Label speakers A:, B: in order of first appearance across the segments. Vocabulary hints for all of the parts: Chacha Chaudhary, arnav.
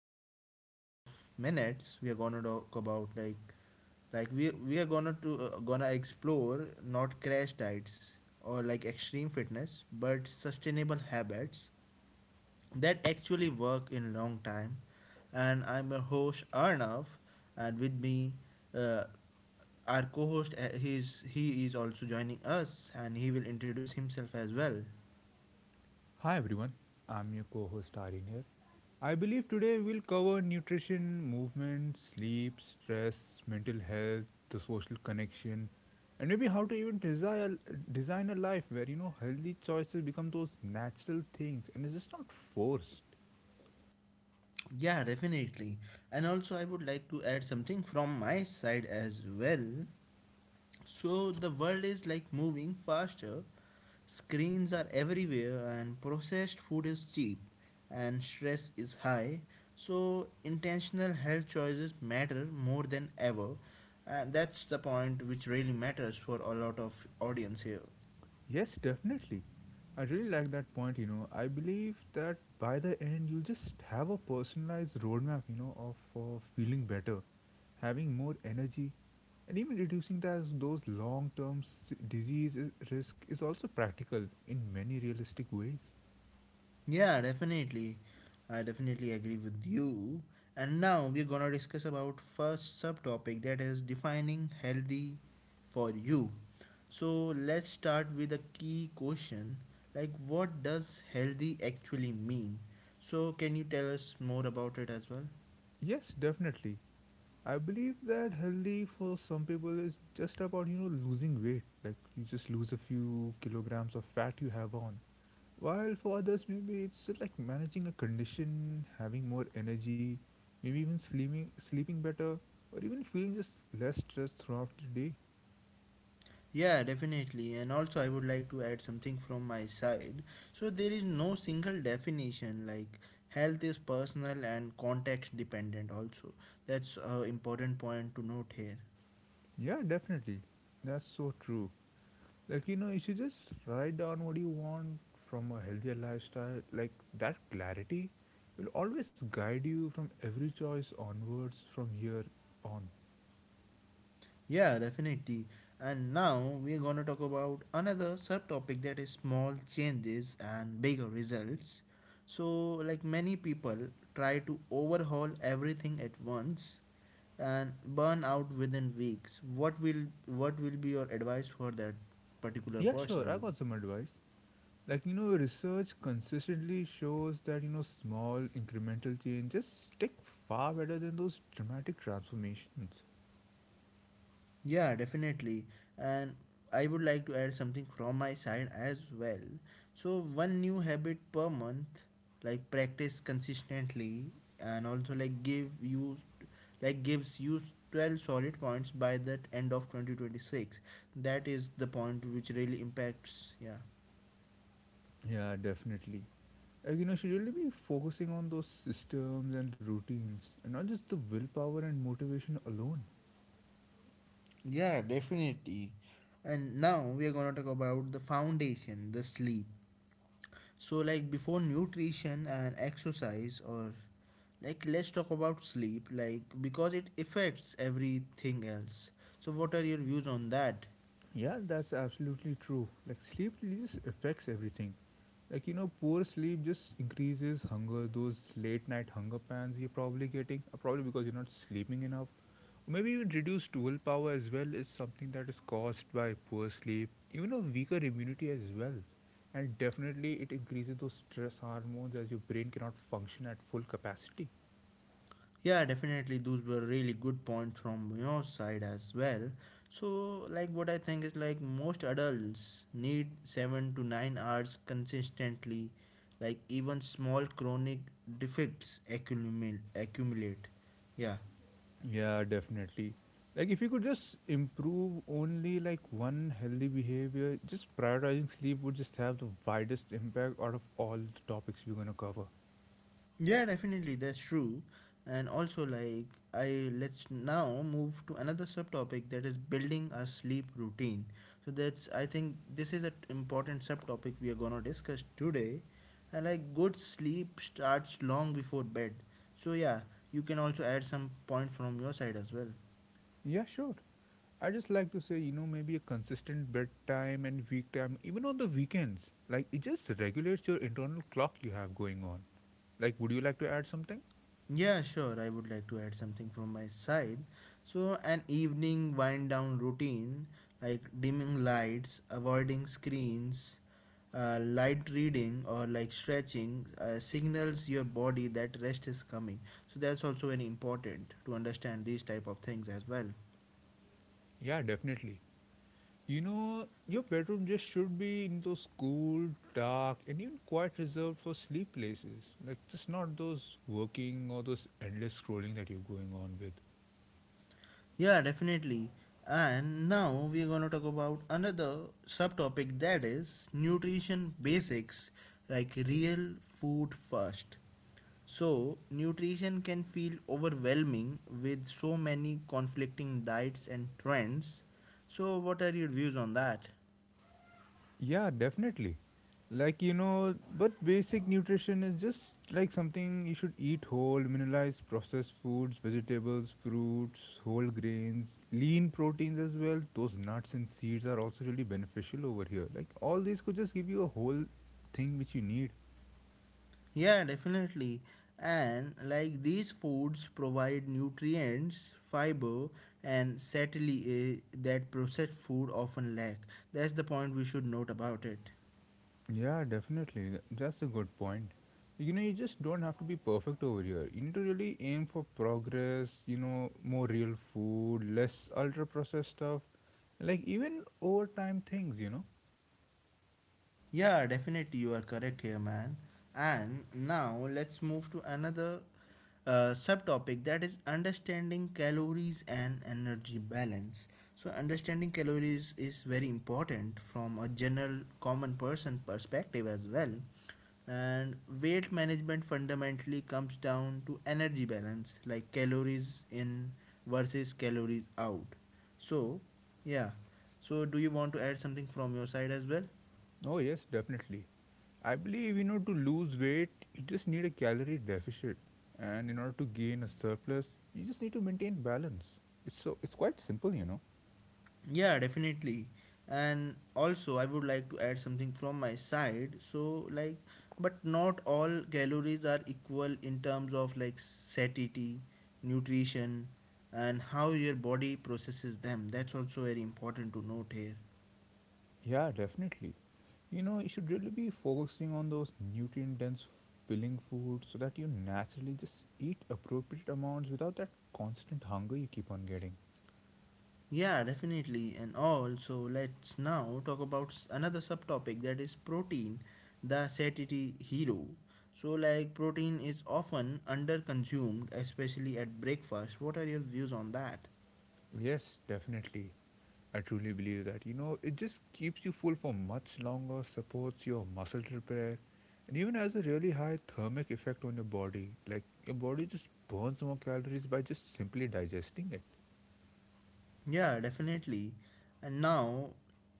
A: over a couple of minutes we are going to talk about like we are gonna to gonna explore not crash diets or like extreme fitness but sustainable habits that actually work in long time. And I'm your host Arnav, and with me, uh, our co-host, he is also joining us and he will introduce himself as well.
B: Hi everyone, I'm your co host Aryan here. I believe today we'll cover nutrition, movement, sleep, stress, mental health, the social connection, and maybe how to even design a life where you know healthy choices become those natural things and it's just not forced.
A: Yeah, definitely. And also I would like to add something from my side as well. So the world is like moving faster. Screens are everywhere, and processed food is cheap, and stress is high. So, intentional health choices matter more than ever. And that's the point which really matters for a lot of audience here.
B: Yes, definitely. I really like that point, you know. I believe that by the end, you just have a personalized roadmap, you know, of for feeling better, having more energy, and even reducing those long term disease risk is also practical in many realistic ways.
A: Yeah, definitely. I definitely agree with you. And now we're going to discuss about first subtopic, that is defining healthy for you. So let's start with a key question like what does healthy actually mean? So can you tell us more about it as well?
B: Yes, definitely. I believe that healthy for some people is just about, you know, losing weight. Like, you just lose a few kilograms of fat you have on. While for others, maybe it's like managing a condition, having more energy, maybe even sleeping better, or even feeling just less stressed throughout the day.
A: Yeah, definitely. And also, I would like to add something from my side. So, there is no single definition, like, health is personal and context dependent, also. That's an important point to note here.
B: Yeah, definitely. That's so true. Like, you know, you should just write down what you want from a healthier lifestyle. Like, that clarity will always guide you from every choice onwards from here on.
A: Yeah, definitely. And now we're going to talk about another subtopic, that is small changes and bigger results. So, like many people try to overhaul everything at once, and burn out within weeks. What will be your advice for that particular
B: Yeah, sure, I
A: person?
B: got some advice. Like, you know, research consistently shows that, you know, small incremental changes stick far better than those dramatic transformations.
A: Yeah, definitely. And I would like to add something from my side as well. So one new habit per month, like practice consistently, and also gives you 12 solid points by that end of 2026. That is the point which really impacts, yeah.
B: Yeah, definitely. Like, you know, should really be focusing on those systems and routines and not just the willpower and motivation alone.
A: Yeah, definitely. And now we are going to talk about the foundation, the sleep. So, like before nutrition and exercise, or like let's talk about sleep, like because it affects everything else. So, what are your views on that?
B: Yeah, that's absolutely true. Like, sleep really just affects everything. Like, you know, poor sleep just increases hunger. Those late night hunger pans you're probably getting, probably because you're not sleeping enough. Maybe even reduced willpower as well is something that is caused by poor sleep. Even a weaker immunity as well. And definitely it increases those stress hormones as your brain cannot function at full capacity.
A: Yeah, definitely. Those were really good points from your side as well. So, like, what I think is like most adults need 7 to 9 hours consistently. Like, even small chronic defects accumulate. Yeah.
B: Yeah, definitely. Like if you could just improve only like one healthy behavior, just prioritizing sleep would just have the widest impact out of all the topics we're gonna cover.
A: Yeah, definitely, that's true. And also, like, I let's now move to another subtopic, that is building a sleep routine. So that's I think this is an important subtopic we are gonna discuss today. And like, good sleep starts long before bed. So yeah, you can also add some points from your side as well.
B: Yeah, sure. I just like to say, you know, maybe a consistent bedtime and week time, even on the weekends. Like it just regulates your internal clock you have going on. Like, would you like to add something?
A: Yeah, sure. I would like to add something from my side. So, an evening wind down routine like dimming lights, avoiding screens, light reading, or like stretching signals your body that rest is coming. So, that's also very important to understand these type of things as well.
B: Yeah, definitely. You know, your bedroom just should be in those cool, dark, and even quite reserved for sleep places. Like, just not those working or those endless scrolling that you're going on with.
A: Yeah, definitely. And now we're going to talk about another subtopic, that is nutrition basics like real food first. So, nutrition can feel overwhelming with so many conflicting diets and trends. So, what are your views on that?
B: Yeah, definitely. Like, you know, but basic nutrition is just like something you should eat whole, mineralize processed foods, vegetables, fruits, whole grains, lean proteins as well. Those nuts and seeds are also really beneficial over here. Like, all these could just give you a whole thing which you need.
A: Yeah, definitely. And like these foods provide nutrients, fiber, and certainly that processed food often lack. That's the point we should note about it.
B: Yeah, definitely. That's a good point. You know, you just don't have to be perfect over here. You need to really aim for progress, you know, more real food, less ultra processed stuff, like even over time things, you know.
A: Yeah, definitely, you are correct here, man. And now let's move to another subtopic, that is understanding calories and energy balance. So, understanding calories is very important from a general common person perspective as well. And weight management fundamentally comes down to energy balance, like calories in versus calories out. So, yeah. So, do you want to add something from your side as well?
B: Oh, yes, definitely. I believe, you know, to lose weight, you just need a calorie deficit. And in order to gain a surplus, you just need to maintain balance. It's quite simple, you know.
A: Yeah, definitely. And also, I would like to add something from my side. So, like, but not all calories are equal in terms of like satiety, nutrition, and how your body processes them. That's also very important to note here.
B: Yeah, definitely. You know, you should really be focusing on those nutrient dense filling foods so that you naturally just eat appropriate amounts without that constant hunger you keep on getting.
A: Yeah, definitely. And also, let's now talk about another subtopic, that is protein, the satiety hero. So, like, protein is often under consumed, especially at breakfast. What are your views on that?
B: Yes, definitely. I truly believe that. You know, it just keeps you full for much longer, supports your muscle repair, and even has a really high thermic effect on your body. Like, your body just burns more calories by just simply digesting it.
A: Yeah, definitely. And now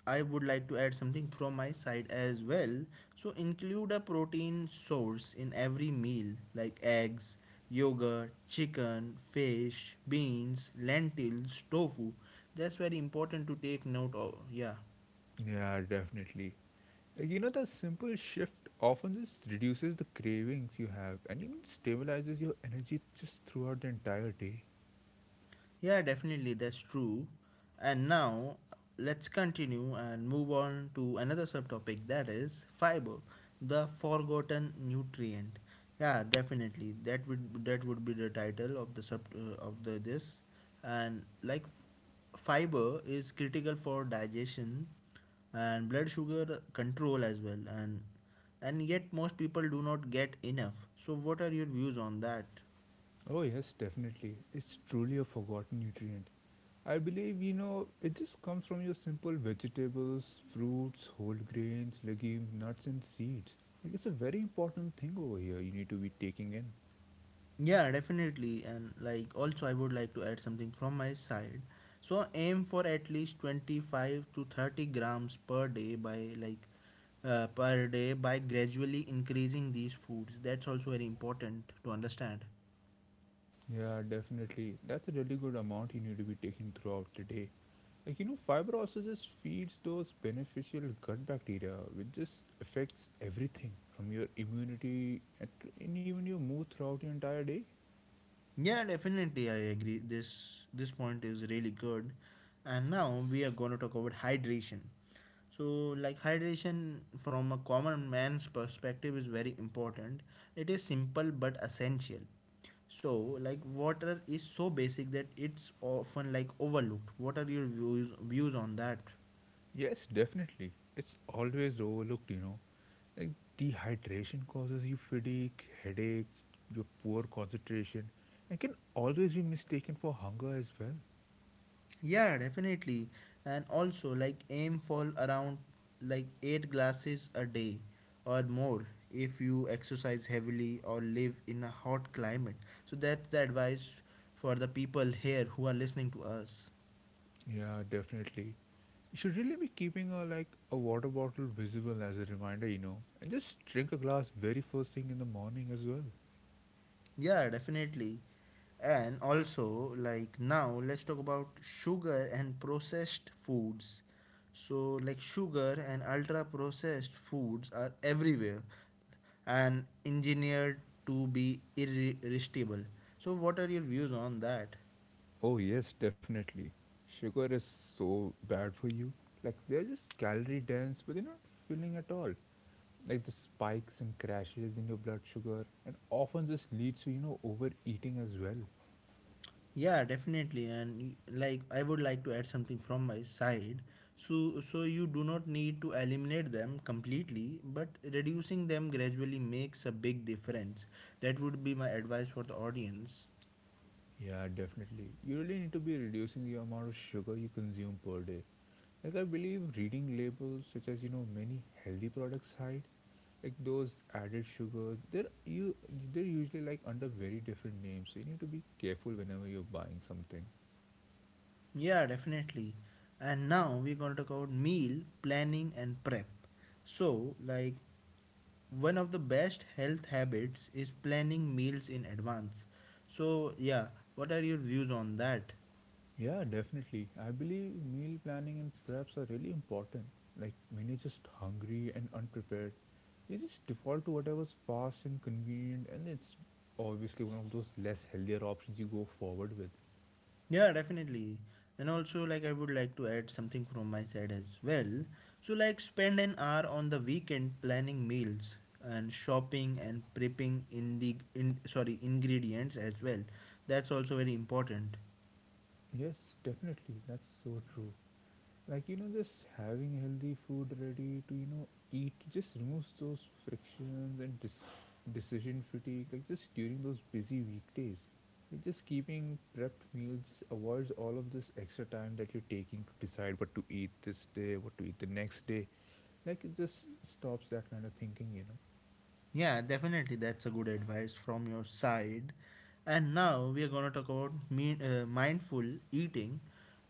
A: I would like to add something from my side as well. So include a protein source in every meal like eggs, yogurt, chicken, fish, beans, lentils, tofu. That's very important to take note of. Yeah.
B: Yeah, definitely. You know, the simple shift often just reduces the cravings you have and even stabilizes your energy just throughout the entire day.
A: Yeah, definitely, that's true. And now let's continue and move on to another subtopic, that is fiber, the forgotten nutrient. Yeah, definitely. That would be the title of the this. And like fiber is critical for digestion and blood sugar control as well. And yet most people do not get enough. So what are your views on that?
B: Oh, yes, definitely. It's truly a forgotten nutrient. I believe, you know, it just comes from your simple vegetables, fruits, whole grains, legumes, nuts, and seeds. Like, it's a very important thing over here you need to be taking in.
A: Yeah, definitely. And like also I would like to add something from my side. So aim for at least 25 to 30 grams per day by gradually increasing these foods. That's also very important to understand.
B: Yeah, definitely. That's a really good amount you need to be taking throughout the day. Like you know, fiber also just feeds those beneficial gut bacteria, which just affects everything from your immunity and even your mood throughout your entire day.
A: Yeah, definitely, I agree. This point is really good. And now we are going to talk about hydration. So, like hydration from a common man's perspective is very important. It is simple but essential. So, like water is so basic that it's often like overlooked. What are your views on that?
B: Yes, definitely. It's always overlooked, you know. Like dehydration causes you fatigue, headaches, your poor concentration, and can always be mistaken for hunger as well.
A: Yeah, definitely. And also like aim for around like 8 glasses a day or more if you exercise heavily or live in a hot climate. So that's the advice for the people here who are listening to us.
B: Yeah, definitely. You should really be keeping a like a water bottle visible as a reminder, you know, and just drink a glass very first thing in the morning as well.
A: Yeah, definitely. And also, like now, let's talk about sugar and processed foods. So, like sugar and ultra processed foods are everywhere and engineered to be irresistible. So, what are your views on that?
B: Oh, yes, definitely. Sugar is so bad for you. Like, they're just calorie dense, but they're not filling at all. Like, the spikes and crashes in your blood sugar, and often just leads to, you know, overeating as well.
A: Yeah, definitely. And like I would like to add something from my side. So you do not need to eliminate them completely, but reducing them gradually makes a big difference. That would be my advice for the audience.
B: Yeah, definitely. You really need to be reducing the amount of sugar you consume per day. Like, I believe reading labels such as, you know, many healthy products hide. Like those added sugars, they're usually like under very different names, so you need to be careful whenever you're buying something.
A: Yeah, definitely. And now we're going to talk about meal planning and prep. So, like one of the best health habits is planning meals in advance. So, yeah, what are your views on that?
B: Yeah, definitely. I believe meal planning and preps are really important. Like when you're just hungry and unprepared, you just default to whatever's fast and convenient, and it's obviously one of those less healthier options you go forward with.
A: Yeah, definitely. And also, like, I would like to add something from my side as well. So, like, spend an hour on the weekend planning meals and shopping and prepping in the in sorry, ingredients as well. That's also very important.
B: Yes, definitely. That's so true. Like you know, just having healthy food ready to, you know, eat just removes those frictions and decision fatigue, like just during those busy weekdays. Like just keeping prepped meals just avoids all of this extra time that you're taking to decide what to eat this day, what to eat the next day. Like it just stops that kind of thinking, you know.
A: Yeah, definitely, that's a good advice from your side. And now we are gonna talk about mindful eating,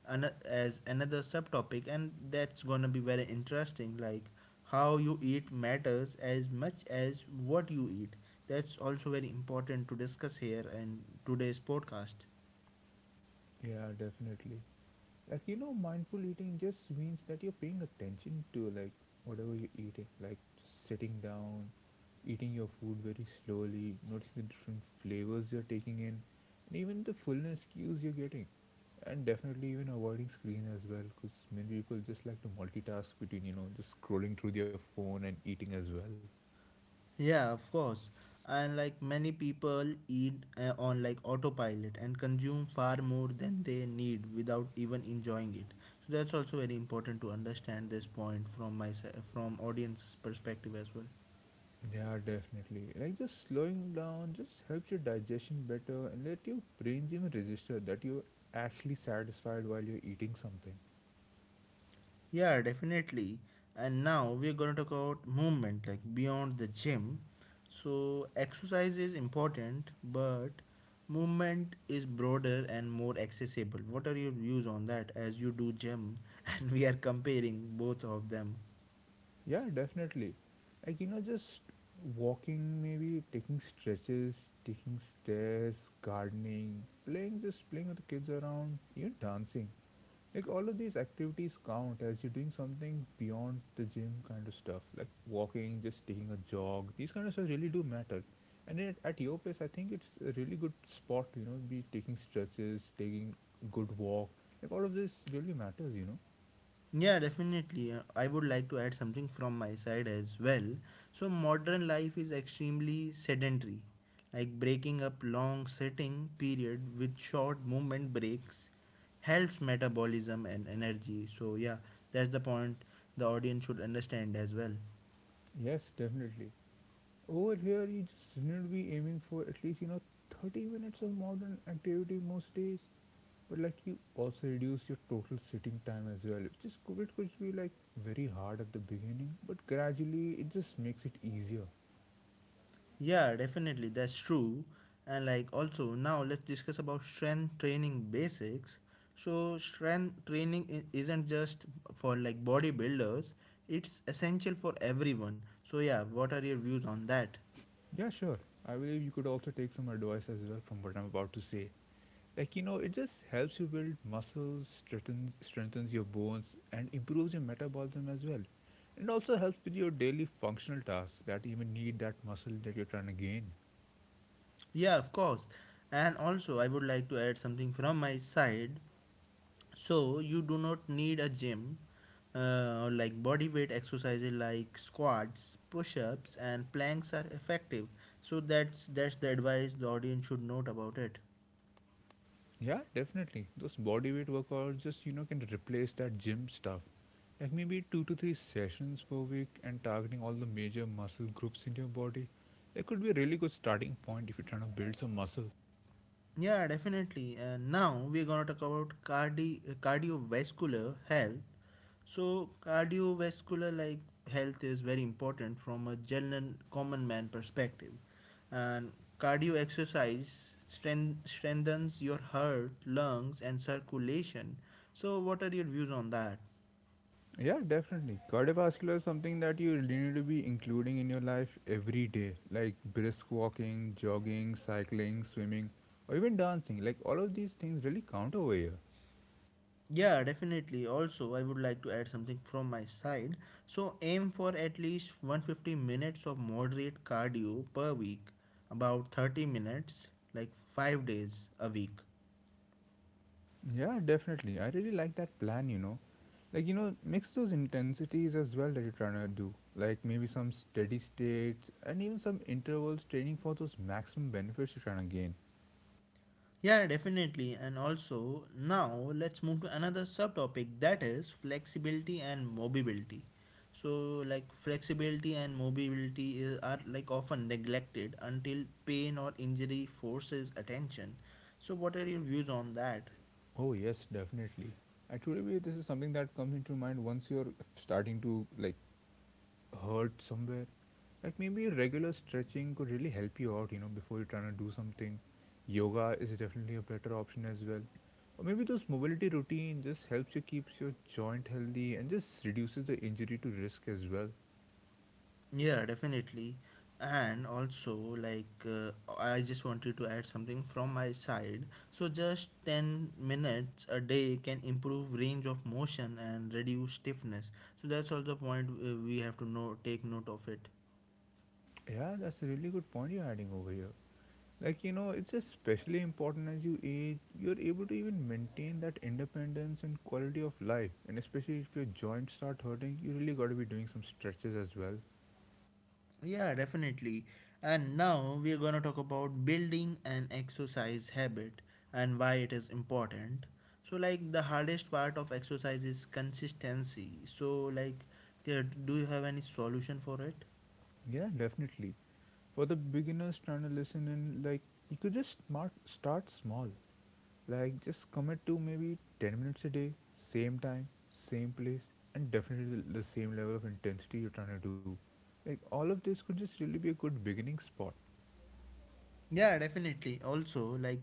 A: as another subtopic, and that's gonna be very interesting. Like how you eat matters as much as what you eat. That's also very important to discuss here in today's podcast.
B: Yeah, definitely. Like you know, mindful eating just means that you're paying attention to like whatever you're eating. Like just sitting down, eating your food very slowly, noticing the different flavors you're taking in, and even the fullness cues you're getting. And definitely even avoiding screen as well, because many people just like to multitask between, you know, just scrolling through their phone and eating as well.
A: Yeah, of course. And like many people eat on like autopilot and consume far more than they need without even enjoying it. So that's also very important to understand this point from audience's perspective as well.
B: Yeah, definitely. Like just slowing down just helps your digestion better and let your brain even register that you're actually satisfied while you're eating something.
A: Yeah, definitely. And now we're going to talk about movement, like beyond the gym. So, exercise is important, but movement is broader and more accessible. What are your views on that as you do gym and we are comparing both of them?
B: Yeah, definitely. Like you know, just walking, maybe taking stretches, taking stairs, gardening, playing, just playing with the kids around, even dancing. Like all of these activities count as you're doing something beyond the gym kind of stuff, like walking, just taking a jog. These kind of stuff really do matter. And at your place, I think it's a really good spot, to, you know, be taking stretches, taking a good walk. Like all of this really matters, you know.
A: Yeah, definitely. I would like to add something from my side as well. So, modern life is extremely sedentary, like breaking up long sitting period with short movement breaks helps metabolism and energy. So, yeah, that's the point the audience should understand as well.
B: Yes, definitely. Over here, you just need to be aiming for at least, you know, 30 minutes of modern activity most days. But like you also reduce your total sitting time as well. Just COVID could be like very hard at the beginning, but gradually it just makes it easier.
A: Yeah, definitely, that's true. And like also now let's discuss about strength training basics. So strength training isn't just for like bodybuilders, it's essential for everyone. So yeah, what are your views on that?
B: Yeah, sure. I believe you could also take some advice as well from what I'm about to say. Like you know, it just helps you build muscles, strengthens your bones, and improves your metabolism as well. And also helps with your daily functional tasks that even need that muscle that you're trying to gain.
A: Yeah, of course. And also I would like to add something from my side. So you do not need a gym, or like body weight exercises like squats, push-ups and planks are effective. So that's the advice the audience should note about it.
B: Yeah, definitely. Those body weight workouts just, you know, can replace that gym stuff. Like maybe two to three sessions per week and targeting all the major muscle groups in your body. That could be a really good starting point if you're trying to build some muscle.
A: Yeah, definitely. And now we're going to talk about cardiovascular health. So cardiovascular like health is very important from a general common man perspective. And cardio exercise strengthens your heart, lungs and circulation. So what are your views on that?
B: Yeah, definitely. Cardiovascular is something that you really need to be including in your life every day, like brisk walking, jogging, cycling, swimming, or even dancing. Like all of these things really count over here.
A: Yeah, definitely. Also, I would like to add something from my side. So aim for at least 150 minutes of moderate cardio per week, about 30 minutes like 5 days a week.
B: Yeah, definitely. I really like that plan, you know. Like you know, mix those intensities as well that you're trying to do, like maybe some steady states and even some intervals training for those maximum benefits you're trying to gain.
A: Yeah, definitely. And also, now let's move to another subtopic, that is flexibility and mobility. So, like flexibility and mobility are like often neglected until pain or injury forces attention. So, what are your views on that?
B: Oh yes, definitely. I truly believe this is something that comes into mind once you're starting to like hurt somewhere. Like maybe regular stretching could really help you out, you know, before you're trying to do something. Yoga is definitely a better option as well, or maybe those mobility routine just helps you keeps your joint healthy and just reduces the injury to risk as well.
A: Yeah, definitely. And also, I just wanted to add something from my side. So, just 10 minutes a day can improve range of motion and reduce stiffness. So, that's also a point we have to know, take note of it.
B: Yeah, that's a really good point you're adding over here. Like, you know, it's especially important as you age, you're able to even maintain that independence and quality of life. And especially if your joints start hurting, you really got to be doing some stretches as well.
A: Yeah, definitely. And now we are going to talk about building an exercise habit and why it is important. So, like, the hardest part of exercise is consistency. So, like, do you have any solution for it?
B: Yeah, definitely. For the beginners trying to listen in, like, you could just start small. Like, just commit to maybe 10 minutes a day, same time, same place, and definitely the same level of intensity you're trying to do. Like, all of this could just really be a good beginning spot.
A: Yeah, definitely. Also, like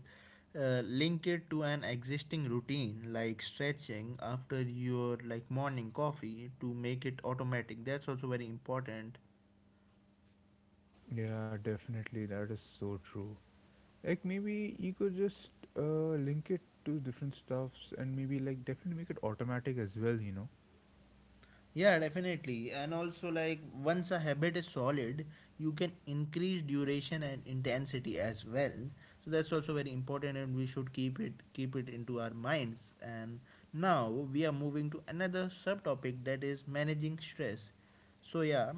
A: link it to an existing routine, like stretching after your like morning coffee to make it automatic. That's also very important.
B: Yeah, definitely. That is so true. Like maybe you could just link it to different stuffs and maybe like definitely make it automatic as well, you know.
A: Yeah, definitely. And also, like, once a habit is solid, you can increase duration and intensity as well. So that's also very important, and we should keep it into our minds. And now we are moving to another subtopic that is managing stress. So yeah,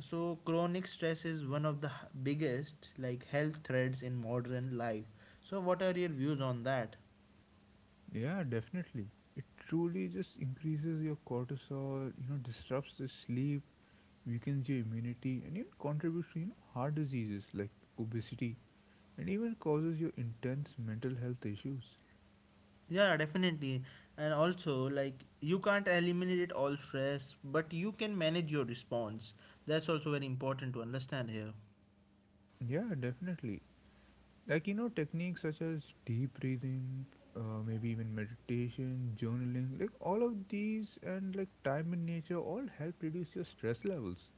A: so chronic stress is one of the biggest like health threats in modern life. So what are your views on that?
B: Yeah, definitely. It truly just increases your cortisol, you know, disrupts the sleep, weakens your immunity and even contributes to, you know, heart diseases like obesity and even causes your intense mental health issues.
A: Yeah, definitely. And also, like, you can't eliminate all stress, but you can manage your response. That's also very important to understand here.
B: Yeah, definitely. Like, you know, techniques such as deep breathing, maybe even meditation, journaling, like all of these and like time in nature all help reduce your stress levels.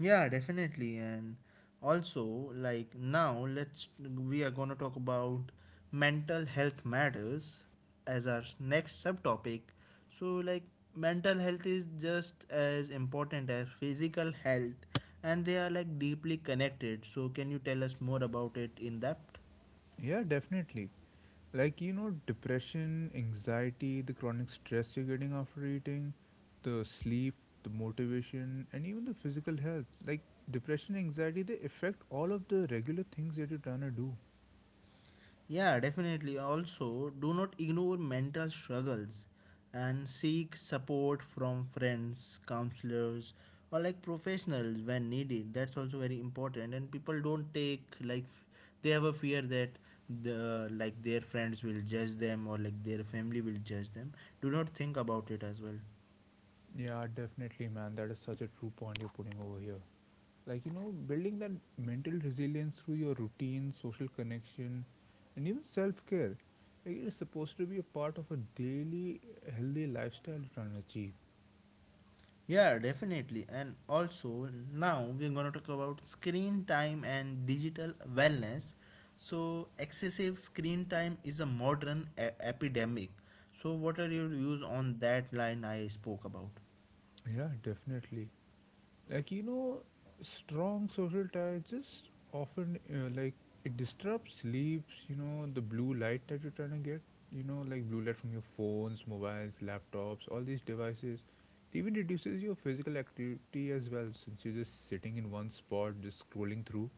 A: Yeah, definitely. And also, like, now let's we are going to talk about mental health matters as our next subtopic. So, like, mental health is just as important as physical health, and they are like deeply connected. So, can you tell us more about it in depth?
B: Yeah, definitely. Like, you know, depression, anxiety, the chronic stress you're getting after eating, the sleep, the motivation, and even the physical health. Like depression, anxiety, they affect all of the regular things that you're trying to do.
A: Yeah, definitely. Also, do not ignore mental struggles and seek support from friends, counselors, or like professionals when needed. That's also very important. And people don't take like they have a fear that the like their friends will judge them or like their family will judge them. Do not think about it as well.
B: Yeah, definitely, man. That is such a true point you're putting over here. Like, you know, building that mental resilience through your routine, social connection, and even self-care, like it's supposed to be a part of a daily healthy lifestyle you're trying to achieve.
A: Yeah, definitely. And also, now we're going to talk about screen time and digital wellness. So, excessive screen time is a modern epidemic. So, what are your views on that line I spoke about?
B: Yeah, definitely. Like, you know, strong social ties just often, like it disrupts sleeps, you know, the blue light that you're trying to get, you know, like blue light from your phones, mobiles, laptops, all these devices. It even reduces your physical activity as well, since you're just sitting in one spot just scrolling through.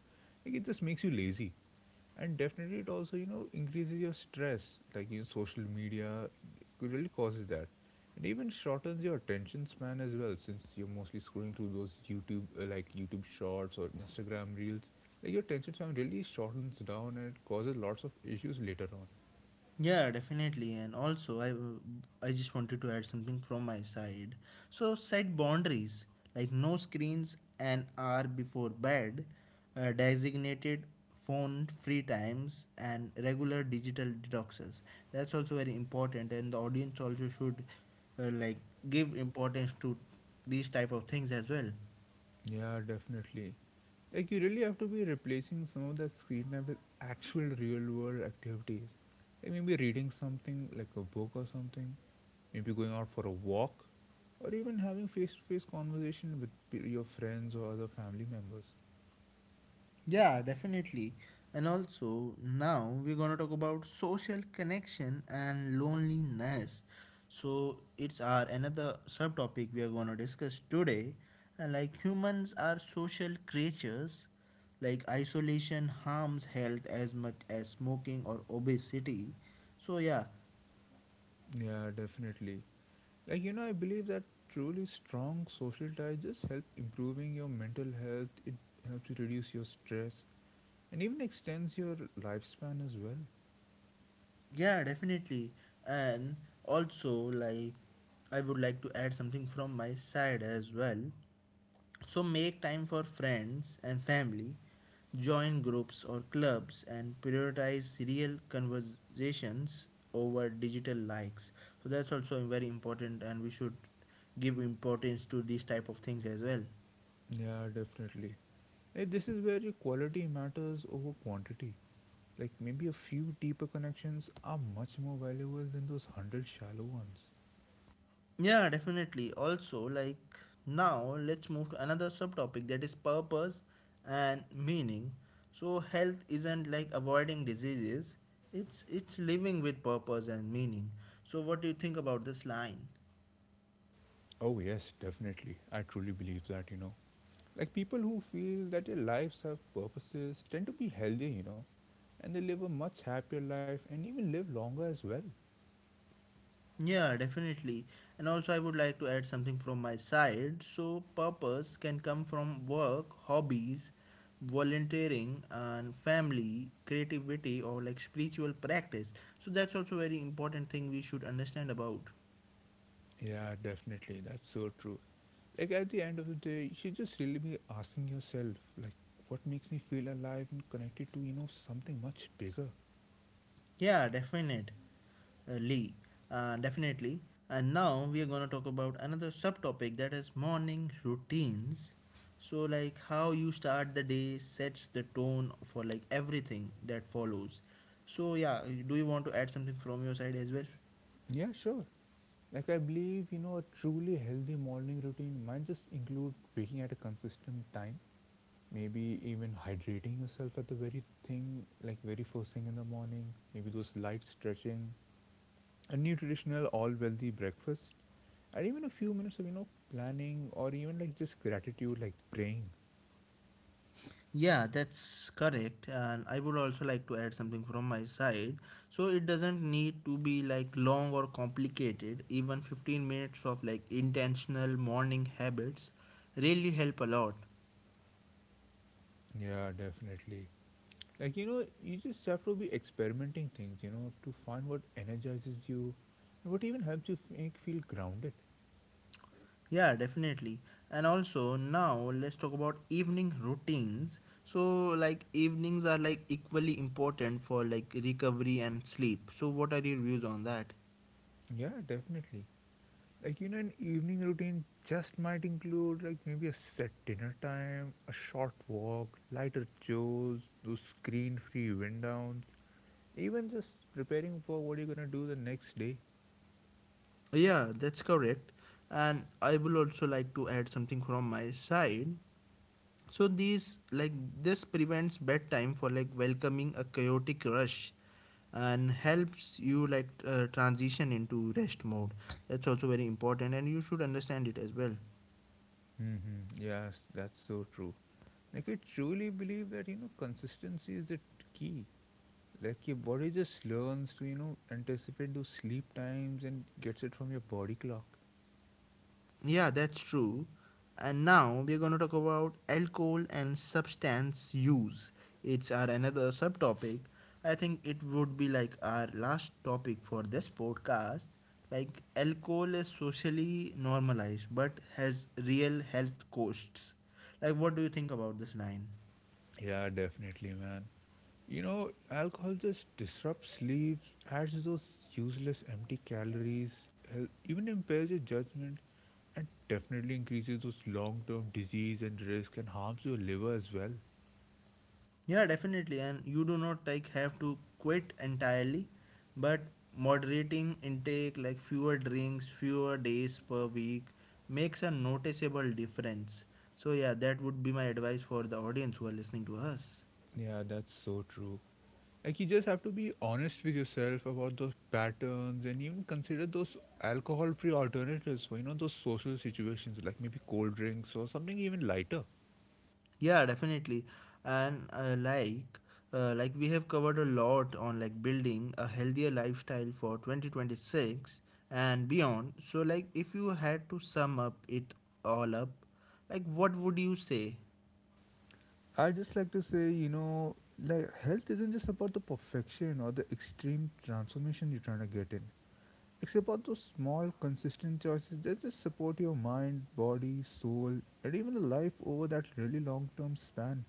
B: Like, it just makes you lazy. And definitely it also, you know, increases your stress. Like, you know, social media could really causes that, and even shortens your attention span as well, since you're mostly scrolling through those YouTube, like YouTube shorts or Instagram reels. Like, your attention span really shortens down and it causes lots of issues later on.
A: Yeah, definitely. And also, I just wanted to add something from my side. So set boundaries like no screens an hour before bed, designated phone free times, and regular digital detoxes. That's also very important, and the audience also should uh, like give importance to these type of things as well.
B: Yeah, definitely. Like, you really have to be replacing some of that screen time with actual real world activities. Like maybe reading something like a book or something, maybe going out for a walk, or even having face-to-face conversation with your friends or other family members.
A: Yeah, definitely. And also, now we're going to talk about social connection and loneliness. So, it's our another subtopic we are going to discuss today. And like humans are social creatures, like isolation harms health as much as smoking or obesity. So, yeah,
B: Yeah, definitely. Like, you know, I believe that truly strong social ties just help improving your mental health. It helps you reduce your stress and even extends your lifespan as well.
A: yeah, definitely. And also, like, I would like to add something from my side as well. So make time for friends and family, join groups or clubs, and prioritize real conversations over digital likes. So that's also very important, and we should give importance to these type of things as well.
B: Yeah, definitely. Like, this is where your quality matters over quantity. Like, maybe a few deeper connections are much more valuable than those hundred shallow ones.
A: Yeah, definitely. Also, like now, let's move to another subtopic that is purpose and meaning. So health isn't like avoiding diseases; it's living with purpose and meaning. So what do you think about this line?
B: Oh yes, definitely. I truly believe that, you know. Like, people who feel that their lives have purposes tend to be healthier, you know, and they live a much happier life and even live longer as well.
A: Yeah, definitely. And also, I would like to add something from my side. So, purpose can come from work, hobbies, volunteering, and family, creativity, or like spiritual practice. So, that's also very important thing we should understand about.
B: Yeah, definitely. That's so true. Like, at the end of the day, you should just really be asking yourself, like, what makes me feel alive and connected to, you know, something much bigger?
A: Yeah, definitely. uh, Definitely. And now we are going to talk about another subtopic that is morning routines. So, like how you start the day sets the tone for like everything that follows. So, yeah, do you want to add something from your side as well?
B: Yeah, sure. Like, I believe, you know, a truly healthy morning routine might just include waking at a consistent time, maybe even hydrating yourself at the very thing, like very first thing in the morning, maybe those light stretching, a nutritional all wealthy breakfast, and even a few minutes of, you know, planning or even like just gratitude, like praying.
A: Yeah, that's correct. And I would also like to add something from my side. So it doesn't need to be like long or complicated. Even 15 minutes of like intentional morning habits really help a lot.
B: Yeah, definitely. Like, you know, you just have to be experimenting things, you know, to find what energizes you and what even helps you make feel grounded.
A: Yeah, definitely. And also now let's talk about evening routines. So like evenings are like equally important for like recovery and sleep. So what are your views on that?
B: Yeah, definitely. Like, you know, an evening routine just might include, like, maybe a set dinner time, a short walk, lighter chores, those screen free wind downs, even just preparing for what you're gonna do the next day.
A: Yeah, that's correct. And I will also like to add something from my side. So these like this prevents bedtime for like welcoming a chaotic rush and helps you like transition into rest mode. That's also very important and you should understand it as well.
B: Hmm. Yes, that's so true. Like, I truly believe that, you know, consistency is the key. Like, your body just learns to, you know, anticipate those sleep times and gets it from your body clock.
A: Yeah, that's true. And now we're going to talk about alcohol and substance use. It's our another subtopic. I think it would be like our last topic for this podcast. Like alcohol is socially normalized but has real health costs. Like what do you think about this line?
B: Yeah, definitely, man. You know, alcohol just disrupts sleep, adds those useless empty calories, even impairs your judgment, and definitely increases those long term disease and risk and harms your liver as well.
A: Yeah, definitely. And you do not like have to quit entirely, but moderating intake like fewer drinks, fewer days per week makes a noticeable difference. So yeah, that would be my advice for the audience who are listening to us.
B: Yeah, that's so true. Like, you just have to be honest with yourself about those patterns and even consider those alcohol free alternatives for, you know, those social situations like maybe cold drinks or something even lighter.
A: Yeah, definitely. And we have covered a lot on like building a healthier lifestyle for 2026 and beyond. So like if you had to sum up it all up, like what would you say?
B: I just like to say, you know, like health isn't just about the perfection or the extreme transformation you're trying to get in. It's about those small, consistent choices that just support your mind, body, soul, and even the life over that really long term span.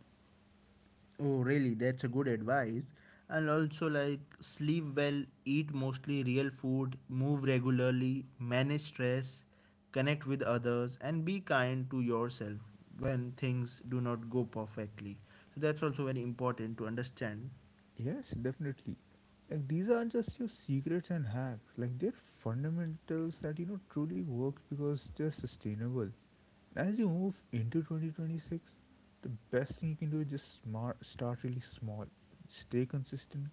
A: Oh, really? That's a good advice. And also, like, sleep well, eat mostly real food, move regularly, manage stress, connect with others, and be kind to yourself when things do not go perfectly. So, that's also very important to understand.
B: Yes, definitely. Like these aren't just your secrets and hacks. Like, they're fundamentals that, you know, truly work because they're sustainable. As you move into 2026, the best thing you can do is just smart, start really small, stay consistent,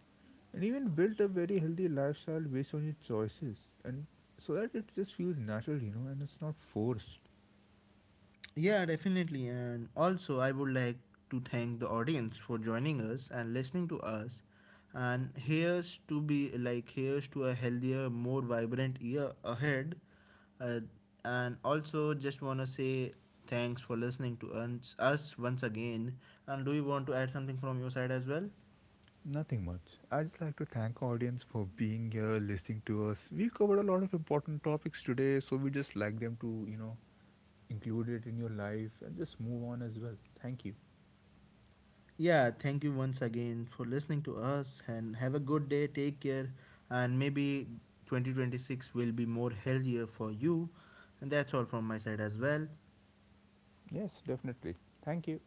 B: and even built a very healthy lifestyle based on your choices, and so that it just feels natural, you know, and it's not forced.
A: Yeah, definitely. And also, I would like to thank the audience for joining us and listening to us. And here's to a healthier, more vibrant year ahead. Uh, and also, just wanna say thanks for listening to us once again. And do you want to add something from your side as well?
B: Nothing much. I just like to thank audience for being here, listening to us. We've covered a lot of important topics today, so we just like them to, you know, include it in your life and just move on as well. Thank you.
A: Yeah, thank you once again for listening to us and have a good day. Take care. And maybe 2026 will be more healthier for you. And that's all from my side as well.
B: Yes, definitely. Thank you.